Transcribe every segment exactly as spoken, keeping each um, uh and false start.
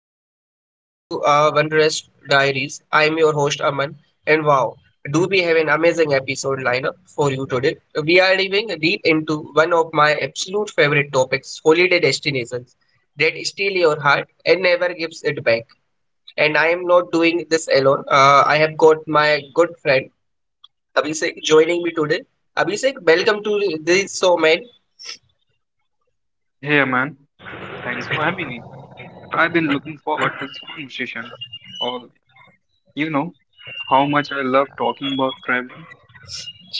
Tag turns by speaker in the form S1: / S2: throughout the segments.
S1: Everyone, welcome back to uh, One Diaries. I'm your host Aman, and wow, do we have an amazing episode lineup for you today? We are diving deep into one of my absolute favorite topics, holiday destinations that steal your heart and never gives it back. And I am not doing this alone. uh, I have got my good friend Abhishek joining me today. Abhishek, welcome to the show, man.
S2: Hey man, thanks for having me. I've been looking forward to this conversation. Or you know how much I love talking about traveling.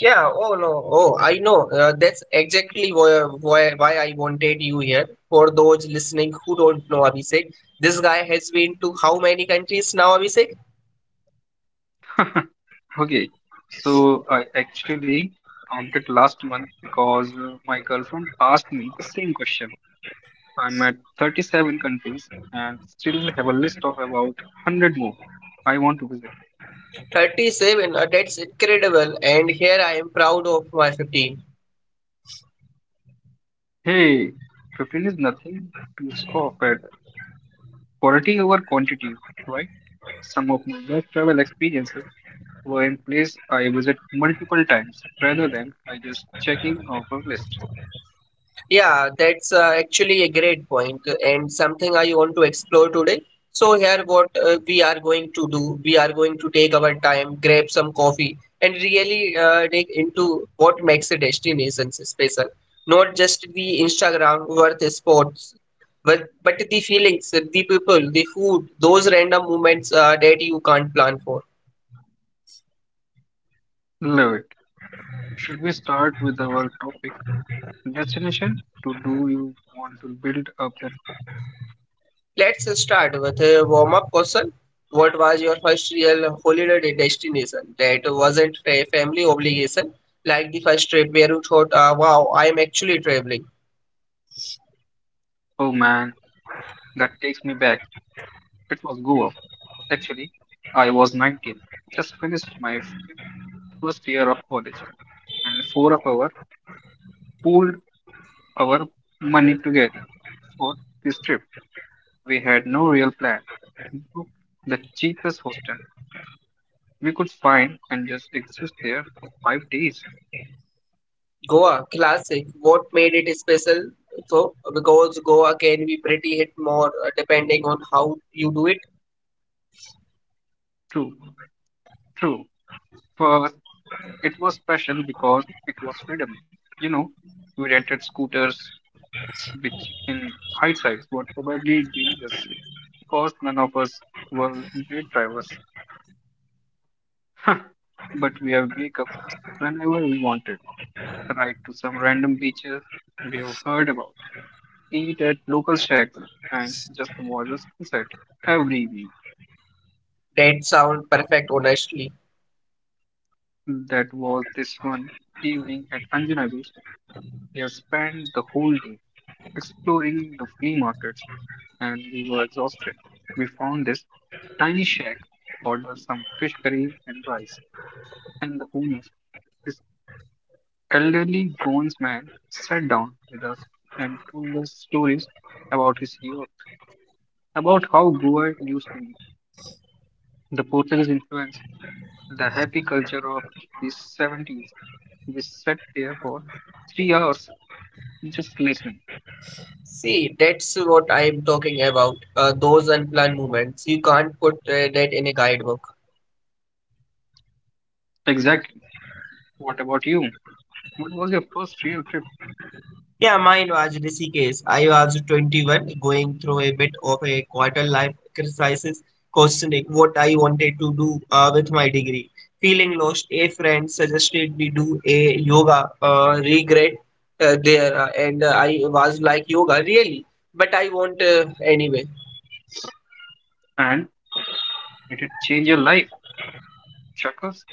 S1: Yeah, oh no, oh, I know. Uh, that's exactly why, why why I wanted you here. For those listening who don't know Abhishek, this guy has been to how many countries now, Abhishek?
S2: Okay, so I actually counted last month because uh, my girlfriend asked me the same question. I'm at thirty-seven countries and still have a list of about one hundred more I want to visit.
S1: thirty-seven. Uh, that's incredible. And here I am proud of my fifteen.
S2: Hey, fifteen is nothing to scoff at. Quality over quantity, right? Some of my best travel experiences were in place I visit multiple times rather than I just checking off a list.
S1: Yeah, that's uh, actually a great point, uh, and something I want to explore today. So here what uh, we are going to do, we are going to take our time, grab some coffee and really uh, dig into what makes a destination special. Not just the Instagram worth spots, but, but the feelings, the people, the food, those random moments uh, that you can't plan for.
S2: Love it. Should we start with our topic destination? To do you want to build up that?
S1: Let's start with a warm up question. What was your first real holiday destination that wasn't a family obligation, like the first trip where you thought, uh, wow, I'm actually traveling?
S2: Oh man, that takes me back. It was Goa. Actually, I was nineteen. Just finished my f- first year of college, and four of us pooled our money together for this trip. We had no real plan. Booked the cheapest hostel we could find and just exist there for five days.
S1: Goa, classic. What made it special? So, because Goa can be pretty hit more uh, depending on how you do it.
S2: True, true. For it was special because it was freedom. You know, we rented scooters, which in hindsight were probably dangerous because none of us were great drivers. but we have wake up whenever we wanted, ride to some random beaches we have heard about, eat at local shacks, and just watch the sunset every week.
S1: That sound perfect, honestly.
S2: That was this one evening at Anjuna Beach. We have spent the whole day exploring the flea markets and we were exhausted. We found this tiny shack, ordered some fish curry and rice, and the owner, this elderly Goans man, sat down with us and told us stories about his youth, about how Goa used to be, the Portuguese influence, the happy culture of the seventies. We sat there for three hours just listening.
S1: See, that's what I'm talking about. Uh, those unplanned moments. You can't put uh, that in a guidebook.
S2: Exactly. What about you? What was your first real trip
S1: Yeah, mine was Rishikesh. I was twenty-one, going through a bit of a quarter life crisis, questioning what I wanted to do uh, with my degree. Feeling lost, a friend suggested we do a yoga uh, regret uh, there, uh, and uh, I was like, yoga, really? But I want uh, anyway.
S2: and did it change your life? Chuckles?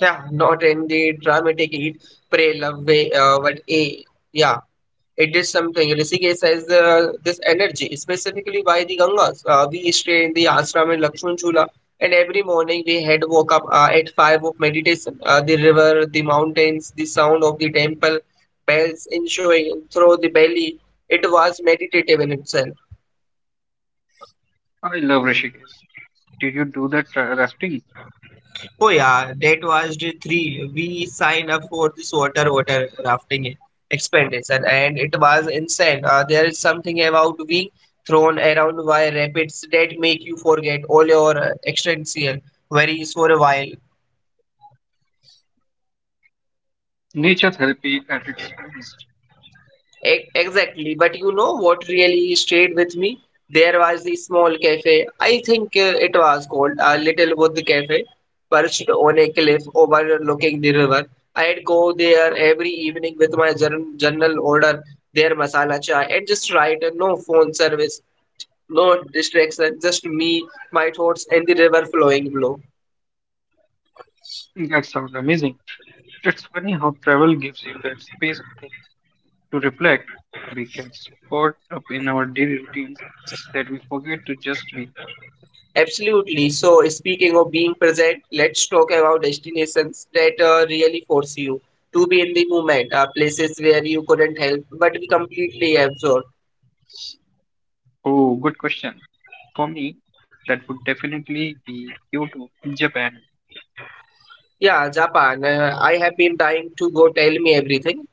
S1: Yeah, not in the dramatic eat, pray, love way, uh, but a yeah, it is something. Rishikesh has the, this energy, specifically by the Gangas. Uh, we stay in the ashram in Lakshman Chula, and every morning we head woke up uh, at five of meditation. Uh, the river, the mountains, the sound of the temple bells ensuing through the belly. It was meditative in itself.
S2: I love Rishikesh. Did you do that uh, rafting?
S1: Oh yeah, that was the three. We signed up for this water water rafting expedition, and it was insane. Uh, there is something about being thrown around by rapids that make you forget all your uh, existential worries for a while.
S2: Nature therapy at its finest.
S1: E- Exactly, but you know what really stayed with me? There was a small cafe. I think uh, it was called a Little Wood Cafe, perched on a cliff overlooking the river. I'd go there every evening with my jour- journal, order their masala chai, and just write. uh, No phone service, no distraction, just me, my thoughts, and the river flowing below.
S2: That sounds amazing. It's funny how travel gives you that space to to reflect. We get so caught up in our daily routines that we forget to just be.
S1: Absolutely. So, speaking of being present, let's talk about destinations that uh, really force you to be in the moment, uh, places where you couldn't help but be completely absorbed.
S2: Oh, good question. For me, that would definitely be Kyoto, Japan.
S1: Yeah, Japan. Uh, I have been dying to go. Tell me everything.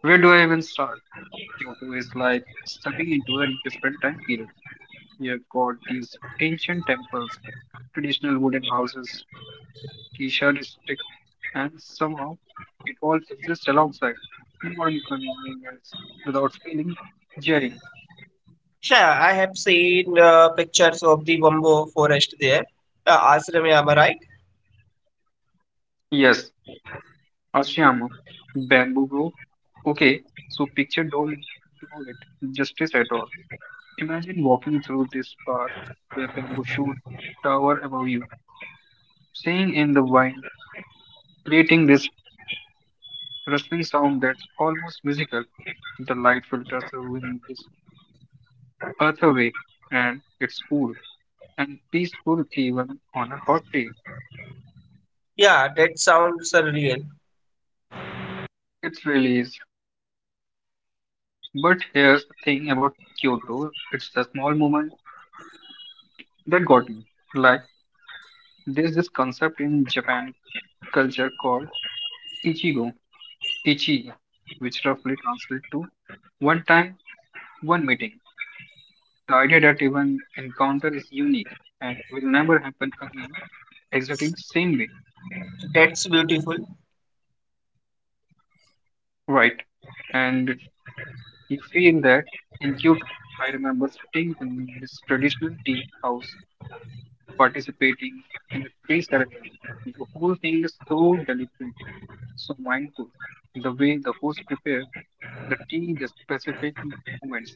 S2: Where do I even start? Kyoto is like stepping into a different time period. You've got these ancient temples, traditional wooden houses, geisha district, and somehow it all exists alongside modern convenience without feeling jarring.
S1: Sure, I have seen uh, pictures of the Bamboo forest there. Uh, ashram, am I right?
S2: Yes, Ashiyama, bamboo grove. Okay, so picture don't do it justice at all. Imagine walking through this path where bamboo shoot tower above you, staying in the vine, creating this rustling sound that's almost musical. The light filters through in this earthy way, and it's cool and peaceful even on a hot day.
S1: Yeah, that sounds surreal.
S2: It really is. But here's the thing about Kyoto, it's the small moment that got me. Like, there's this concept in Japan culture called Ichigo, Ichi, which roughly translates to one time, one meeting. The idea that even encounter is unique and will never happen again exactly the same way.
S1: That's beautiful.
S2: Right. And you feel that in Kyoto, I remember sitting in this traditional tea house, participating in a tea ceremony. The whole thing is so deliberate, so mindful. The way the host prepared the tea, the specific moments,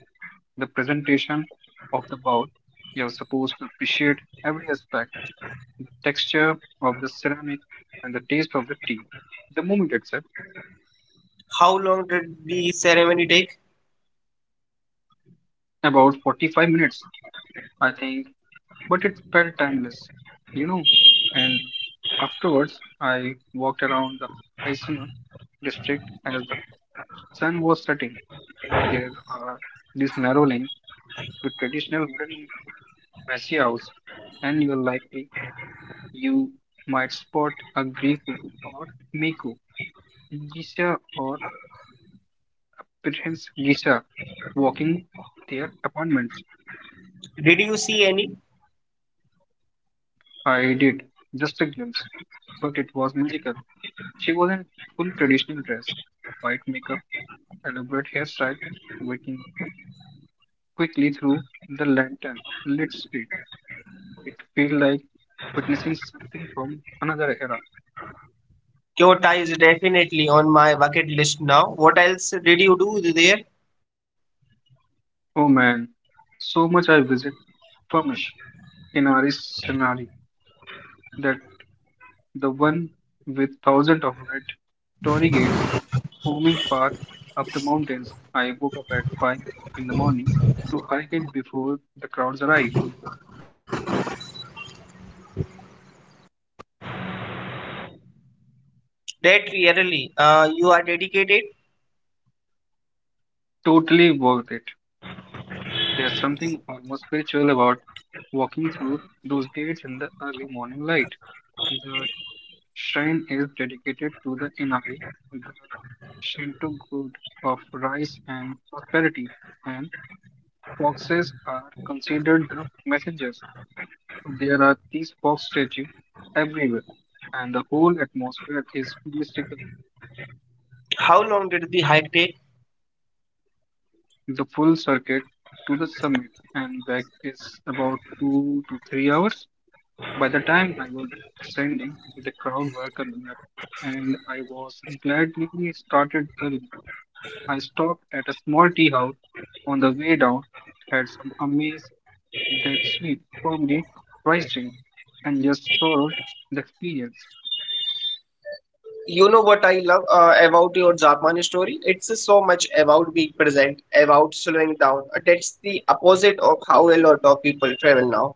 S2: the presentation of the bowl. You're supposed to appreciate every aspect, the texture of the ceramic and the taste of the tea. The moment itself,
S1: How long did the ceremony take?
S2: about forty-five minutes, I think, but it felt timeless, you know. And afterwards, I walked around the Aisuma district as the sun was setting. There are these narrow lanes with traditional wooden messy house, and you are likely you might spot a Griku or Miku, Gisha or perhaps Gisha walking their apartments.
S1: Did you see any?
S2: I did, just a glimpse, but it was magical. She was in full traditional dress, white makeup, elaborate hairstyle, walking quickly through the lantern lit street. It felt like witnessing something from another era.
S1: Kyoto is definitely on my bucket list now. What else did you do there?
S2: Oh man, so much I visit Famish in Aris Senari, that the one with thousands of red torii gates forming path up the mountains. I woke up at five in the morning to hike it before the crowds arrived.
S1: Really, uh, you are dedicated.
S2: Totally worth it. There's something almost spiritual about walking through those gates in the early morning light. The shrine is dedicated to the Inari, the Shinto god of rice and prosperity, and foxes are considered the messengers. There are these fox statues everywhere, and the whole atmosphere is mystical.
S1: How long did the hike take?
S2: The full circuit to the summit and back is about two to three hours. By the time I was descending, the crowd were coming up, and I was gladly started early. I stopped at a small tea house on the way down, had some amazing that sweet, firmly rice drink, and just sorrowed the experience.
S1: You know what I love uh, about your Japan story? It's so much about being present, about slowing down. That's the opposite of how a lot of people travel now.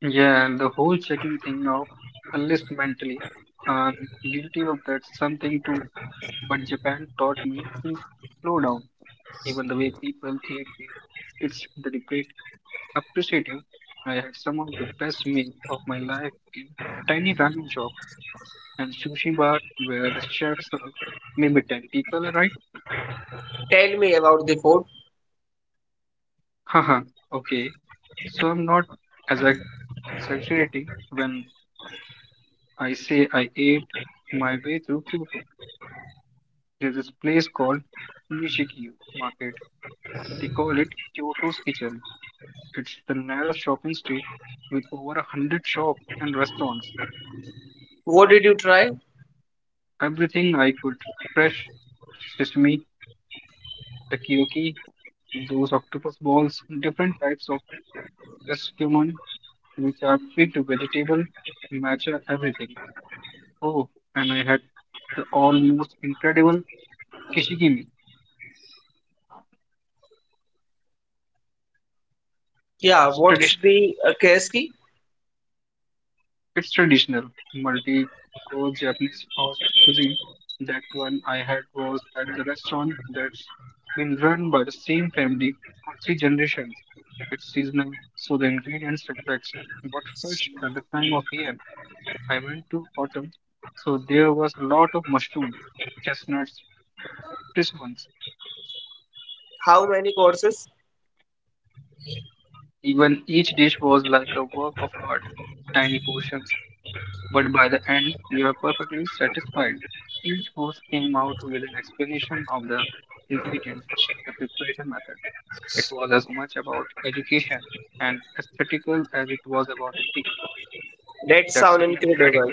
S2: Yeah, and the whole checking thing out a list mentally. I'm guilty of that something too, but Japan taught me to slow down, even the way people eat. It's deliberate, appreciative. I had some of the best meal of my life in tiny ramen shop and sushi bar where the chefs serve maybe ten people, right?
S1: Tell me about the food.
S2: Haha, okay. So I'm not as ex- exaggerating when I say I ate my way through Kyoto. There's this place called Nishikiyo Market. They call it Kyoto's Kitchen. It's the narrow shopping street with over a hundred shops and restaurants.
S1: What did you try?
S2: Everything I could fresh sesame Takoyaki, those octopus balls, different types of eskimon, which are fit vegetable, matcha, everything. Oh, and I had the almost incredible kishigimi.
S1: Yeah,
S2: It's
S1: what's
S2: traditional.
S1: the uh, K S K?
S2: It's traditional multi-core Japanese host cuisine. That one I had was at the restaurant that's been run by the same family for three generations. It's seasonal, so the ingredients reflect what's fresh at the time of year. I went to autumn, so there was a lot of mushroom, chestnuts, prisms.
S1: How many courses?
S2: Even each dish was like a work of art, tiny portions, but by the end you were perfectly satisfied. Each host came out with an explanation of the ingredients, the preparation method. It was as much about education and aesthetical as it was about eating.
S1: That
S2: That's
S1: sound incredible.
S2: incredible.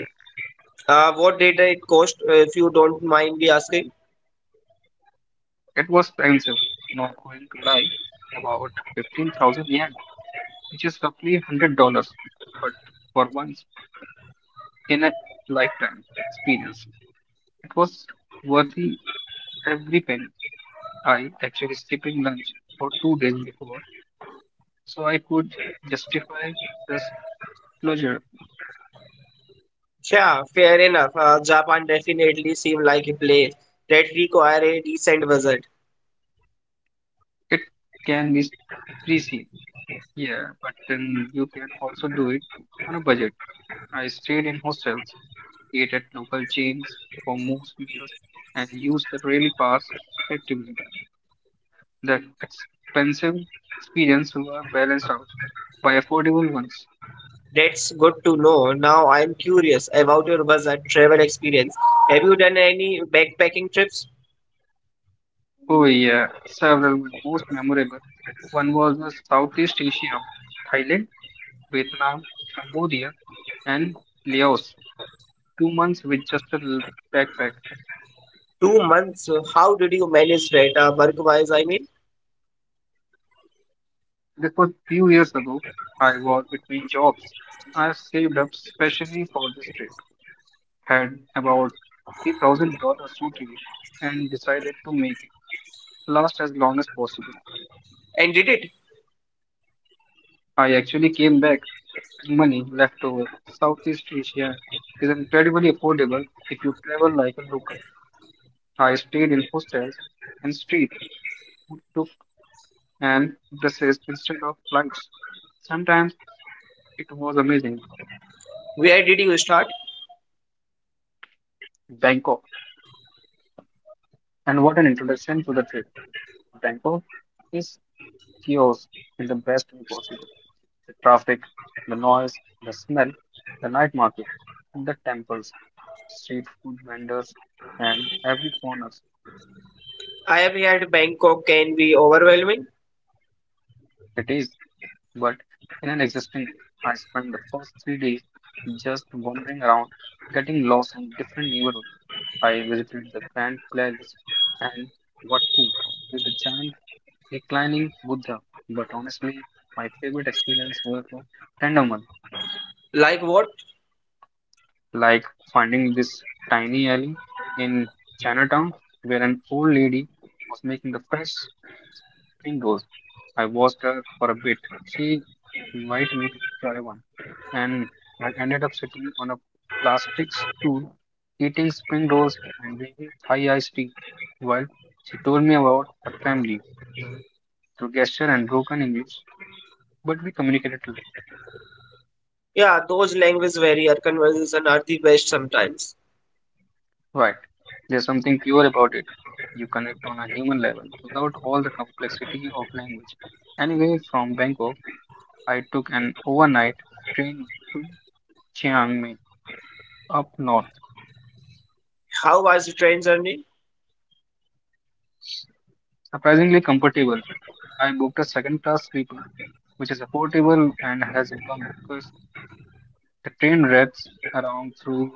S1: Uh, what did it cost, if you don't mind me asking?
S2: It was expensive, not going to lie, about fifteen thousand yen, which is roughly one hundred dollars but for once in a lifetime experience, it was worthy every penny. I actually skipping lunch for two days before, so I could justify this pleasure.
S1: Yeah, fair enough. Uh, Japan definitely seems like a place that require a decent visit.
S2: It can be pricey, yeah, but then you can also do it on a budget. I stayed in hostels, ate at local chains for most meals, and used the rail pass effectively. The expensive experiences were balanced out by affordable ones.
S1: That's good to know. Now I'm curious about your visit travel experience. Have you done any backpacking trips?
S2: Oh yeah, several were most memorable. One was the Southeast Asia, Thailand, Vietnam, Cambodia, and Laos. Two months with just a little backpack.
S1: Two months. uh, How did you manage that uh, work-wise, I mean?
S2: This was few years ago. I was between jobs. I saved up specially for this trip. Had about three thousand dollars to live, and decided to make it last as long as possible.
S1: And did it?
S2: I actually came back money left over. Southeast Asia is incredibly affordable if you travel like a local. I stayed in hostels and street food took and buses instead of flights. Sometimes it was amazing.
S1: Where did you start?
S2: Bangkok. And what an introduction to the trip. Bangkok is chaos in the best way possible. The traffic, the noise, the smell, the night market, the temples, street food vendors, and every corner.
S1: I have heard Bangkok can be overwhelming.
S2: It is. But in an existing way, I spent the first three days just wandering around, getting lost in different neighborhoods. I visited the Grand Palace and Wat Phu with the giant reclining Buddha. But honestly, my favorite experience was the tandem
S1: Like what?
S2: like finding this tiny alley in Chinatown where an old lady was making the fresh mangoes. I watched her for a bit. She invited me to try one, and I ended up sitting on a plastic stool, eating spring rolls and drinking Thai iced tea while she told me about her family through gesture and broken English, but we communicated.
S1: Yeah, those language barrier conversations are the best sometimes.
S2: Right. There's something pure about it. You connect on a human level without all the complexity of language. Anyway, from Bangkok, I took an overnight train to Chiang Mai up north.
S1: How was the train journey?
S2: Surprisingly comfortable. I booked a second class sleeper, which is affordable and has a bunk because the train rides around through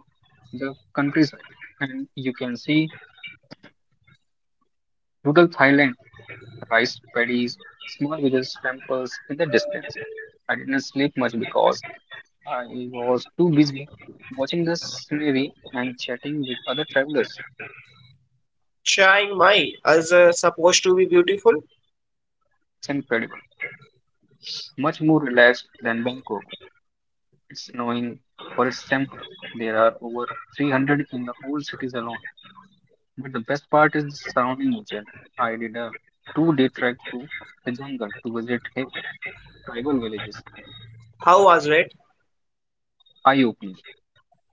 S2: the countryside and you can see rural Thailand: rice paddies, small villages, temples in the distance. I didn't sleep much because I was too busy watching the scenery and chatting with other travelers.
S1: Chiang Mai is uh, supposed to be beautiful.
S2: It's incredible. Much more relaxed than Bangkok. It's snowing for its temple. There are over three hundred in the old cities alone. But the best part is the surrounding ocean. I did a two-day trek through the jungle to visit hill tribal villages.
S1: How was it?
S2: Eye-opening.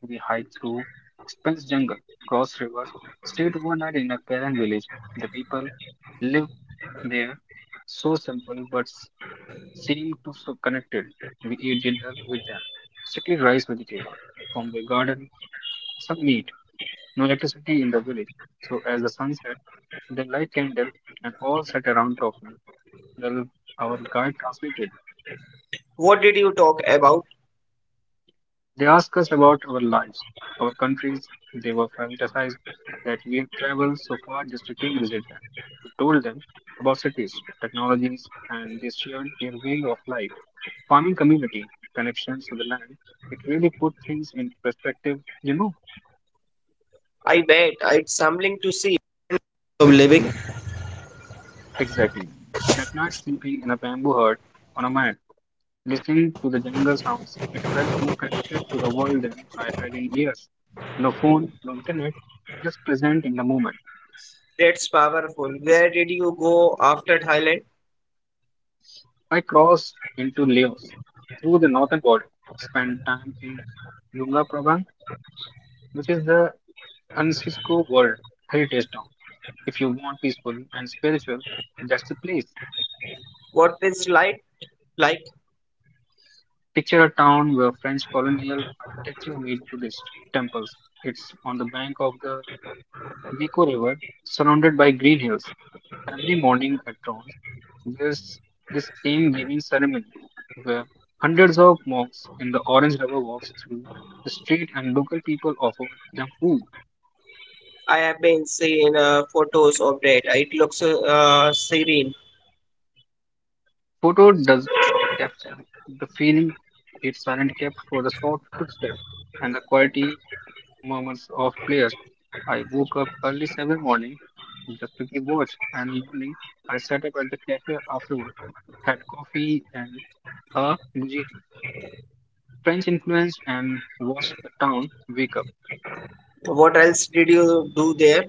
S2: We hiked through Spence jungle, crossed rivers, stayed overnight in a Karen village. The people live there, so simple but s- seem to so connected. We eat dinner with them, strictly rice vegetable from the garden, some meat, no electricity in the village. So as the sun set, they light candle and all sat around talking. Well, our guide translated.
S1: What did you talk about?
S2: They ask us about our lives, our countries. They were fantasized that we have traveled so far just to came visit them. We told them about cities, technologies, and they shared their way of life, farming community, connections to the land. It really put things in perspective, you know?
S1: I bet it's
S2: Exactly. That night sleeping in a bamboo hut on a mat, listening to the jungle sounds, it felt more connected to the world than I had in years. No phone, no internet, just present in the moment.
S1: that's powerful. Where did you go after Thailand?
S2: I crossed into Laos through the northern border, spent time in Lunga Prabang, which is the UNESCO World Heritage Town. If you want peaceful and spiritual, that's the place.
S1: What is light like?
S2: Picture a town where French colonial architecture meet Buddhist temples. It's on the bank of the Mekong River, surrounded by green hills. Every morning at dawn, there's this same giving ceremony where hundreds of monks in the orange rubber walks through the street and local people offer them food.
S1: I have been seeing uh, photos of that. It looks uh, serene.
S2: Photo does capture the feeling its parent kept for the soft footstep and the quality murmurs of players. I woke up early Saturday morning just to keep watch and in the evening I sat up at the cafe afterward, had coffee and a bhujiti. French influence and watched the town wake up.
S1: What else did you do there?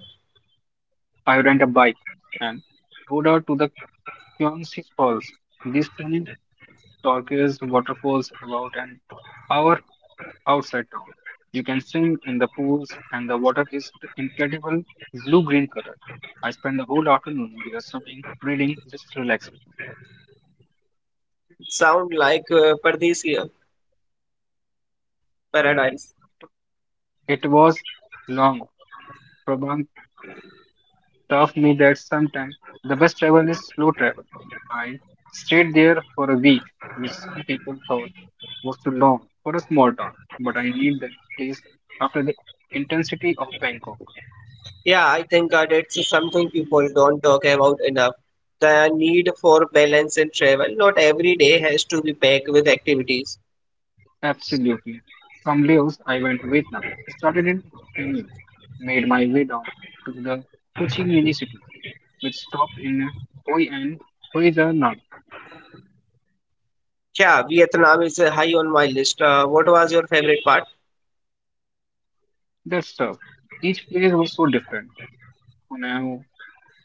S2: I rent a bike and rode out to the Quincy Falls. These strange turquoise waterfalls about an hour outside town. You can swim in the pools and the water is incredible blue-green color. I spent the whole afternoon just swimming, reading, just relaxing.
S1: Sound like uh, Paradise here. Paradise.
S2: It was long, probably taught me that sometimes the best travel is slow travel. I stayed there for a week, which some people thought was too long for a small town, but I need that place after the intensity of Bangkok.
S1: Yeah, I think uh, that's something people don't talk about enough. The need for balance in travel. Not every day has to be packed with activities.
S2: Absolutely. From Laos, I went to Vietnam, started in Hanoi, made my way down to the Ho Chi Minh city, which stopped in Hoi and Hoi Da Nang.
S1: Yeah, Vietnam is uh, high on my list. Uh, what was your favorite part?
S2: That stuff. Each place was so different. Hoi An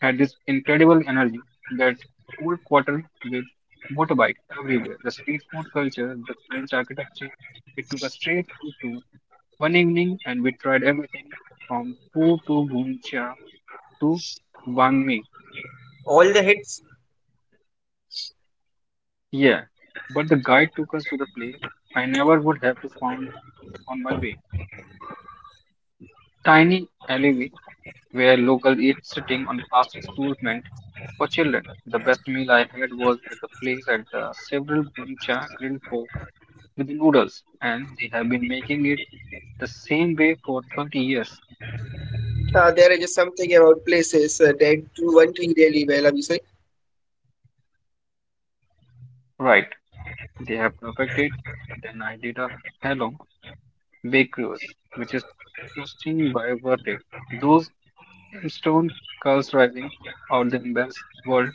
S2: had this incredible energy that cool quarter with motorbikes everywhere. The street food culture, the French architecture. It took a straight food tour one evening and we tried everything from pho to bun cha to banh mi.
S1: All the hits.
S2: Yeah, but the guide took us to the place I never would have found on my way. Tiny alleyway where locals eat sitting on plastic stools meant for children. The best meal I had was at the place at the several Guncha Grill with the noodles, and they have been making it the same way for thirty years.
S1: Uh, there is something about places uh, that do one thing really well, Abhishek.
S2: Right, they have perfected. Then I did a Halong Bake Cruise, which is trusting by worth it. Those stone curls rising out the embers world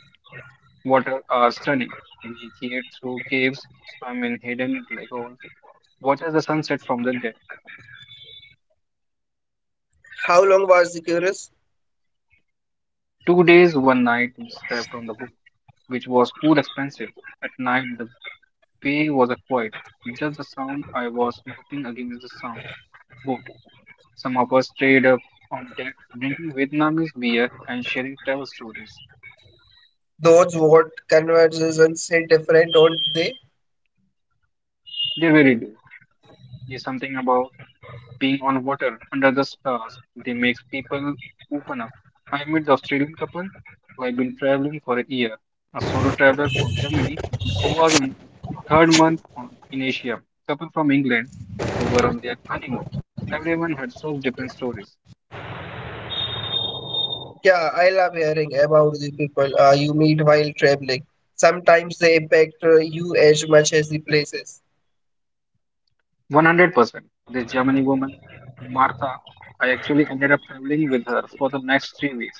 S2: water are stunning. We geared through caves, swam in hidden lagoons, watched the sunset from the deck.
S1: How long was the curious?
S2: Two days, one night, we slept on the boat, which was cool expensive. At night, the Pay was a quiet, just the sound I was looking against the sound boat. Some of us stayed up on deck, drinking Vietnamese beer and sharing travel stories.
S1: Those what conversations say different, don't they?
S2: They really do. There's something about being on water under the stars. They makes people open up. I met the Australian couple who had been traveling for a year, a solo traveler from Germany who was on third month on, in Asia, couple from England who were on their honeymoon. Everyone had such different stories.
S1: Caring about the people uh, you meet while traveling. Sometimes they impact uh, you as much as the places.
S2: one hundred percent. This Germany woman, Martha, I actually ended up traveling with her for the next three weeks.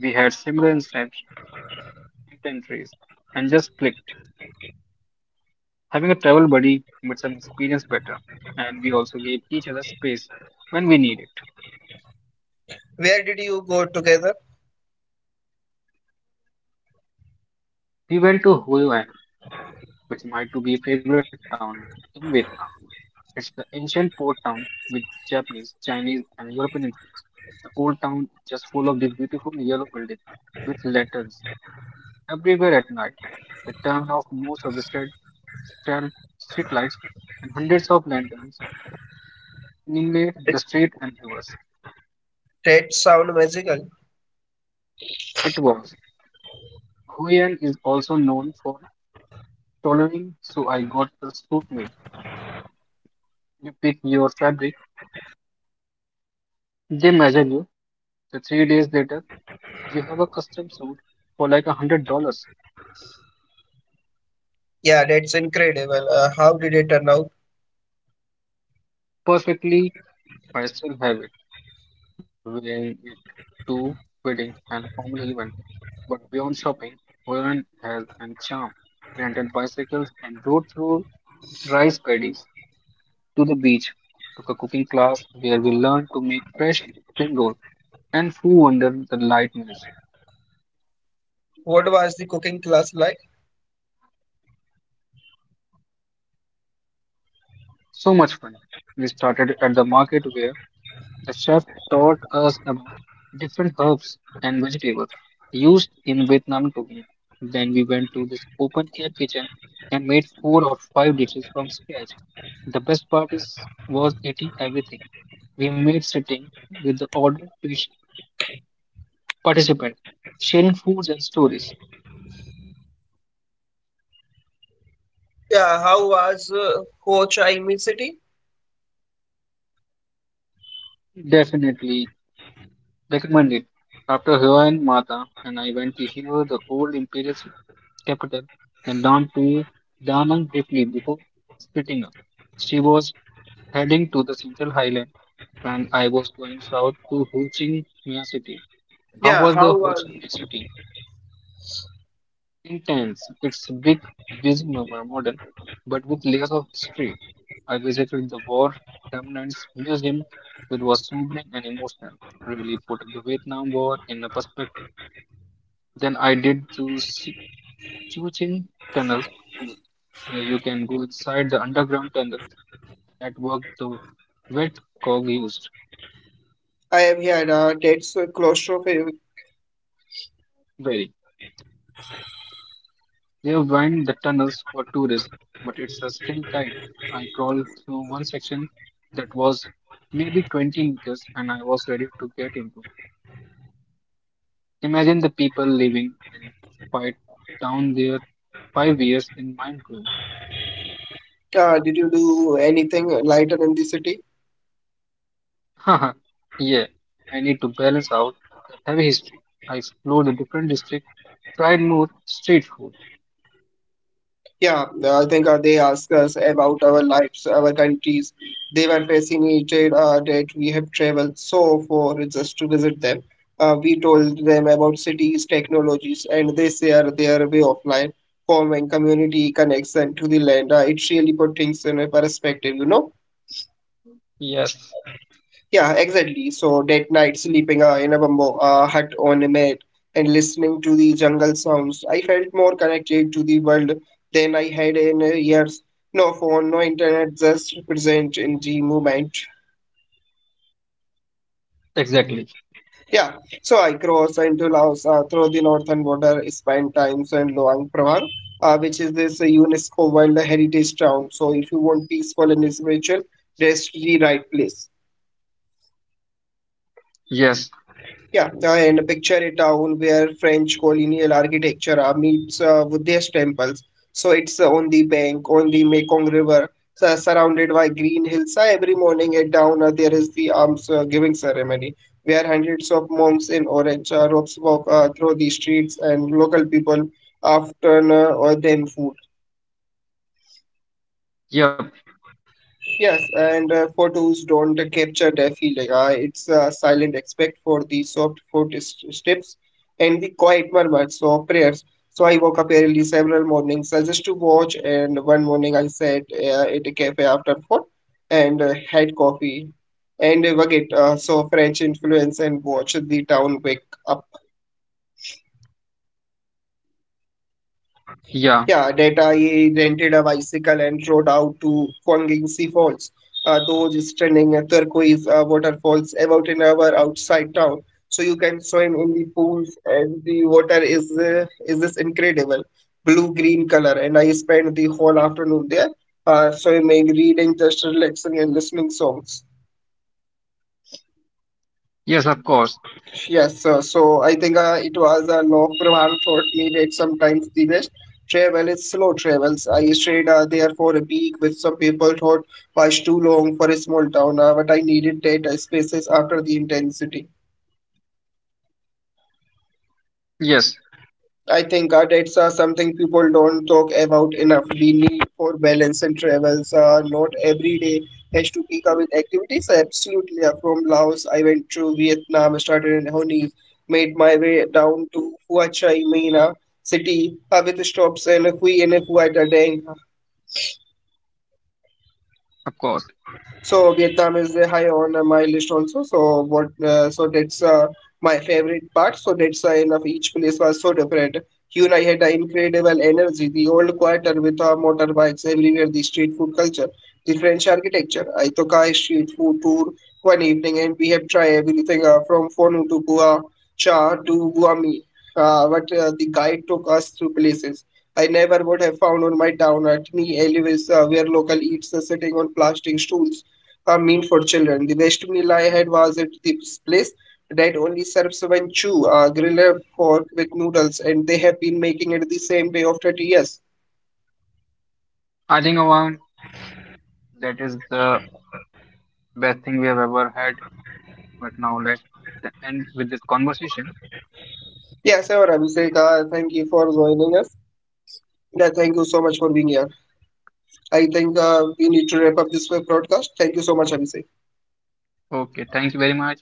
S2: We had similar instance- inventories and just clicked. Having a travel buddy makes some experience better, and we also gave each other space when we need it.
S1: Where did you go together?
S2: We went to Hue An, which might to be a favorite town in Vietnam. It's the ancient port town with Japanese, Chinese, and European influence. The old town is just full of these beautiful yellow buildings with letters everywhere at night, the turn of most of the streetlights and hundreds of lanterns illuminate the street and rivers.
S1: That sound magical.
S2: It was. Huyan is also known for tailoring, so I got the suit made. You pick your fabric, they measure you. The three days later, you have a custom suit for like a hundred dollars.
S1: Yeah, that's incredible. Uh, how did it turn out?
S2: Perfectly, I still have it. Wearing it to wedding and family event. But beyond shopping, Huron has an charm. We rented bicycles and rode through rice paddies to the beach, took a cooking class where we learned to make fresh spring rolls and flew under the light mills.
S1: What was the cooking class like?
S2: So much fun. We started at the market where the chef taught us about different herbs and vegetables used in Vietnam cooking. Then we went to this open air kitchen and made four or five dishes from scratch. The best part is was eating everything we made sitting with the ordered patient participant, sharing foods and stories.
S1: Yeah, how was uh, Ho Chi Minh City?
S2: Definitely recommended. After Hiva and Mata, and I went to hear the old imperial capital and down to Da Nang briefly before splitting up. She was heading to the central highland and I was going south to Ho Chi Minh City. How
S1: Yeah,
S2: was the
S1: how
S2: Ho
S1: was?
S2: Chi Minh City? Intense. It's big, busy mo- mo- modern, but with layers of history. I visited the War Remnants Museum, which was sobering and emotional, really put the Vietnam War in a perspective. Then I did the Si- Chu Chin Tunnel tour, where you can go inside the underground tunnel that worked the wet cog used.
S1: I am here. Uh, that's uh, claustrophobic.
S2: Very. They wind the tunnels for tourists, but it's a still tight. I crawled through one section that was maybe twenty meters and I was ready to get into. Imagine the people living in quiet down there five years in mind blowing.
S1: Uh, did you do anything lighter in the city?
S2: Haha, yeah, I need to balance out the heavy history. I explored the different districts, tried more street food.
S1: Yeah, uh, I think uh, they asked us about our lives, our countries. They were fascinated uh, that we have traveled so far just to visit them. Uh, we told them about cities, technologies, and they share their way of life, home and community connection to the land. Uh, it really put things in a perspective, you know.
S2: Yes,
S1: Yeah, exactly. So late night sleeping uh, in a bamboo uh, hut on a mat and listening to the jungle sounds. I felt more connected to the world than I had in uh, years. No phone, no internet, just present in the moment.
S2: exactly.
S1: Yeah, so I crossed into Laos uh, through the northern border, spent time in Luang Prabang, uh, which is this uh, UNESCO World Heritage Town. So if you want peaceful and spiritual, that's the right place.
S2: Yes,
S1: Yeah, uh, and picture a town where French colonial architecture uh, meets uh, Buddhist temples. So it's uh, on the bank, on the Mekong River, su- surrounded by green hills. Uh, every morning at dawn, uh, there is the alms uh, giving ceremony, where hundreds of monks in orange uh, robes walk uh, through the streets, and local people often uh, or them food.
S2: yep,
S1: Yes, and uh, photos don't capture the feeling. Uh, it's a silent respect for the soft footsteps and the quiet murmurs of prayers. So I woke up early several mornings uh, just to watch, and one morning I sat uh, at a cafe after four and uh, had coffee and uh, baguette, uh, so French influence, and watched the town wake up.
S2: yeah,
S1: Yeah, data he rented a bicycle and rode out to Fongingsi Falls, uh, those stunning uh, turquoise uh, waterfalls about an hour outside town. So you can swim in the pools, and the water is uh, is this incredible blue-green color. And I spent the whole afternoon there, uh, swimming, reading, just relaxing, and listening songs.
S2: yes, of course.
S1: Yes, sir. So I think uh, it was a uh, Lok Pravan taught me that sometimes the best travel is slow travels. I stayed uh, there for a week, which some people thought was too long for a small town, uh, but I needed that uh, spaces after the intensity.
S2: Yes,
S1: I think uh, that's uh, something people don't talk about enough. The need for balance and travels. Uh, not every day has to pick up with activities. Absolutely. Uh, from Laos, I went to Vietnam, started in Hanoi, made my way down to Hua Chi Minh uh, city uh, with stops in Hue and Hua Da Dang.
S2: of course.
S1: So Vietnam is uh, high on uh, my list also. So what? Uh, so that's uh, my favorite part. So that's why enough. Each place was so different. Here I had the incredible energy, the old quarter with uh, motorbikes everywhere, the street food culture, the French architecture. I took a street food tour one evening, and we have tried everything uh, from Phonu to Bua Cha to Bua Mi. Uh, but uh, the guide took us to places. I never would have found on my town at me alleyways uh, where local eats are sitting on plastic stools a meal for children. The best meal I had was at this place that only serves one chew, a griller fork with noodles, and they have been making it the same way of thirty years.
S2: I think I that is the best thing we have ever had. But now let's end with this conversation.
S1: Yeah, sir. Abhishek, uh, thank you for joining us. Yeah, thank you so much for being here. I think uh, we need to wrap up this broadcast. Thank you so much, Abhishek.
S2: Okay, thank you very much.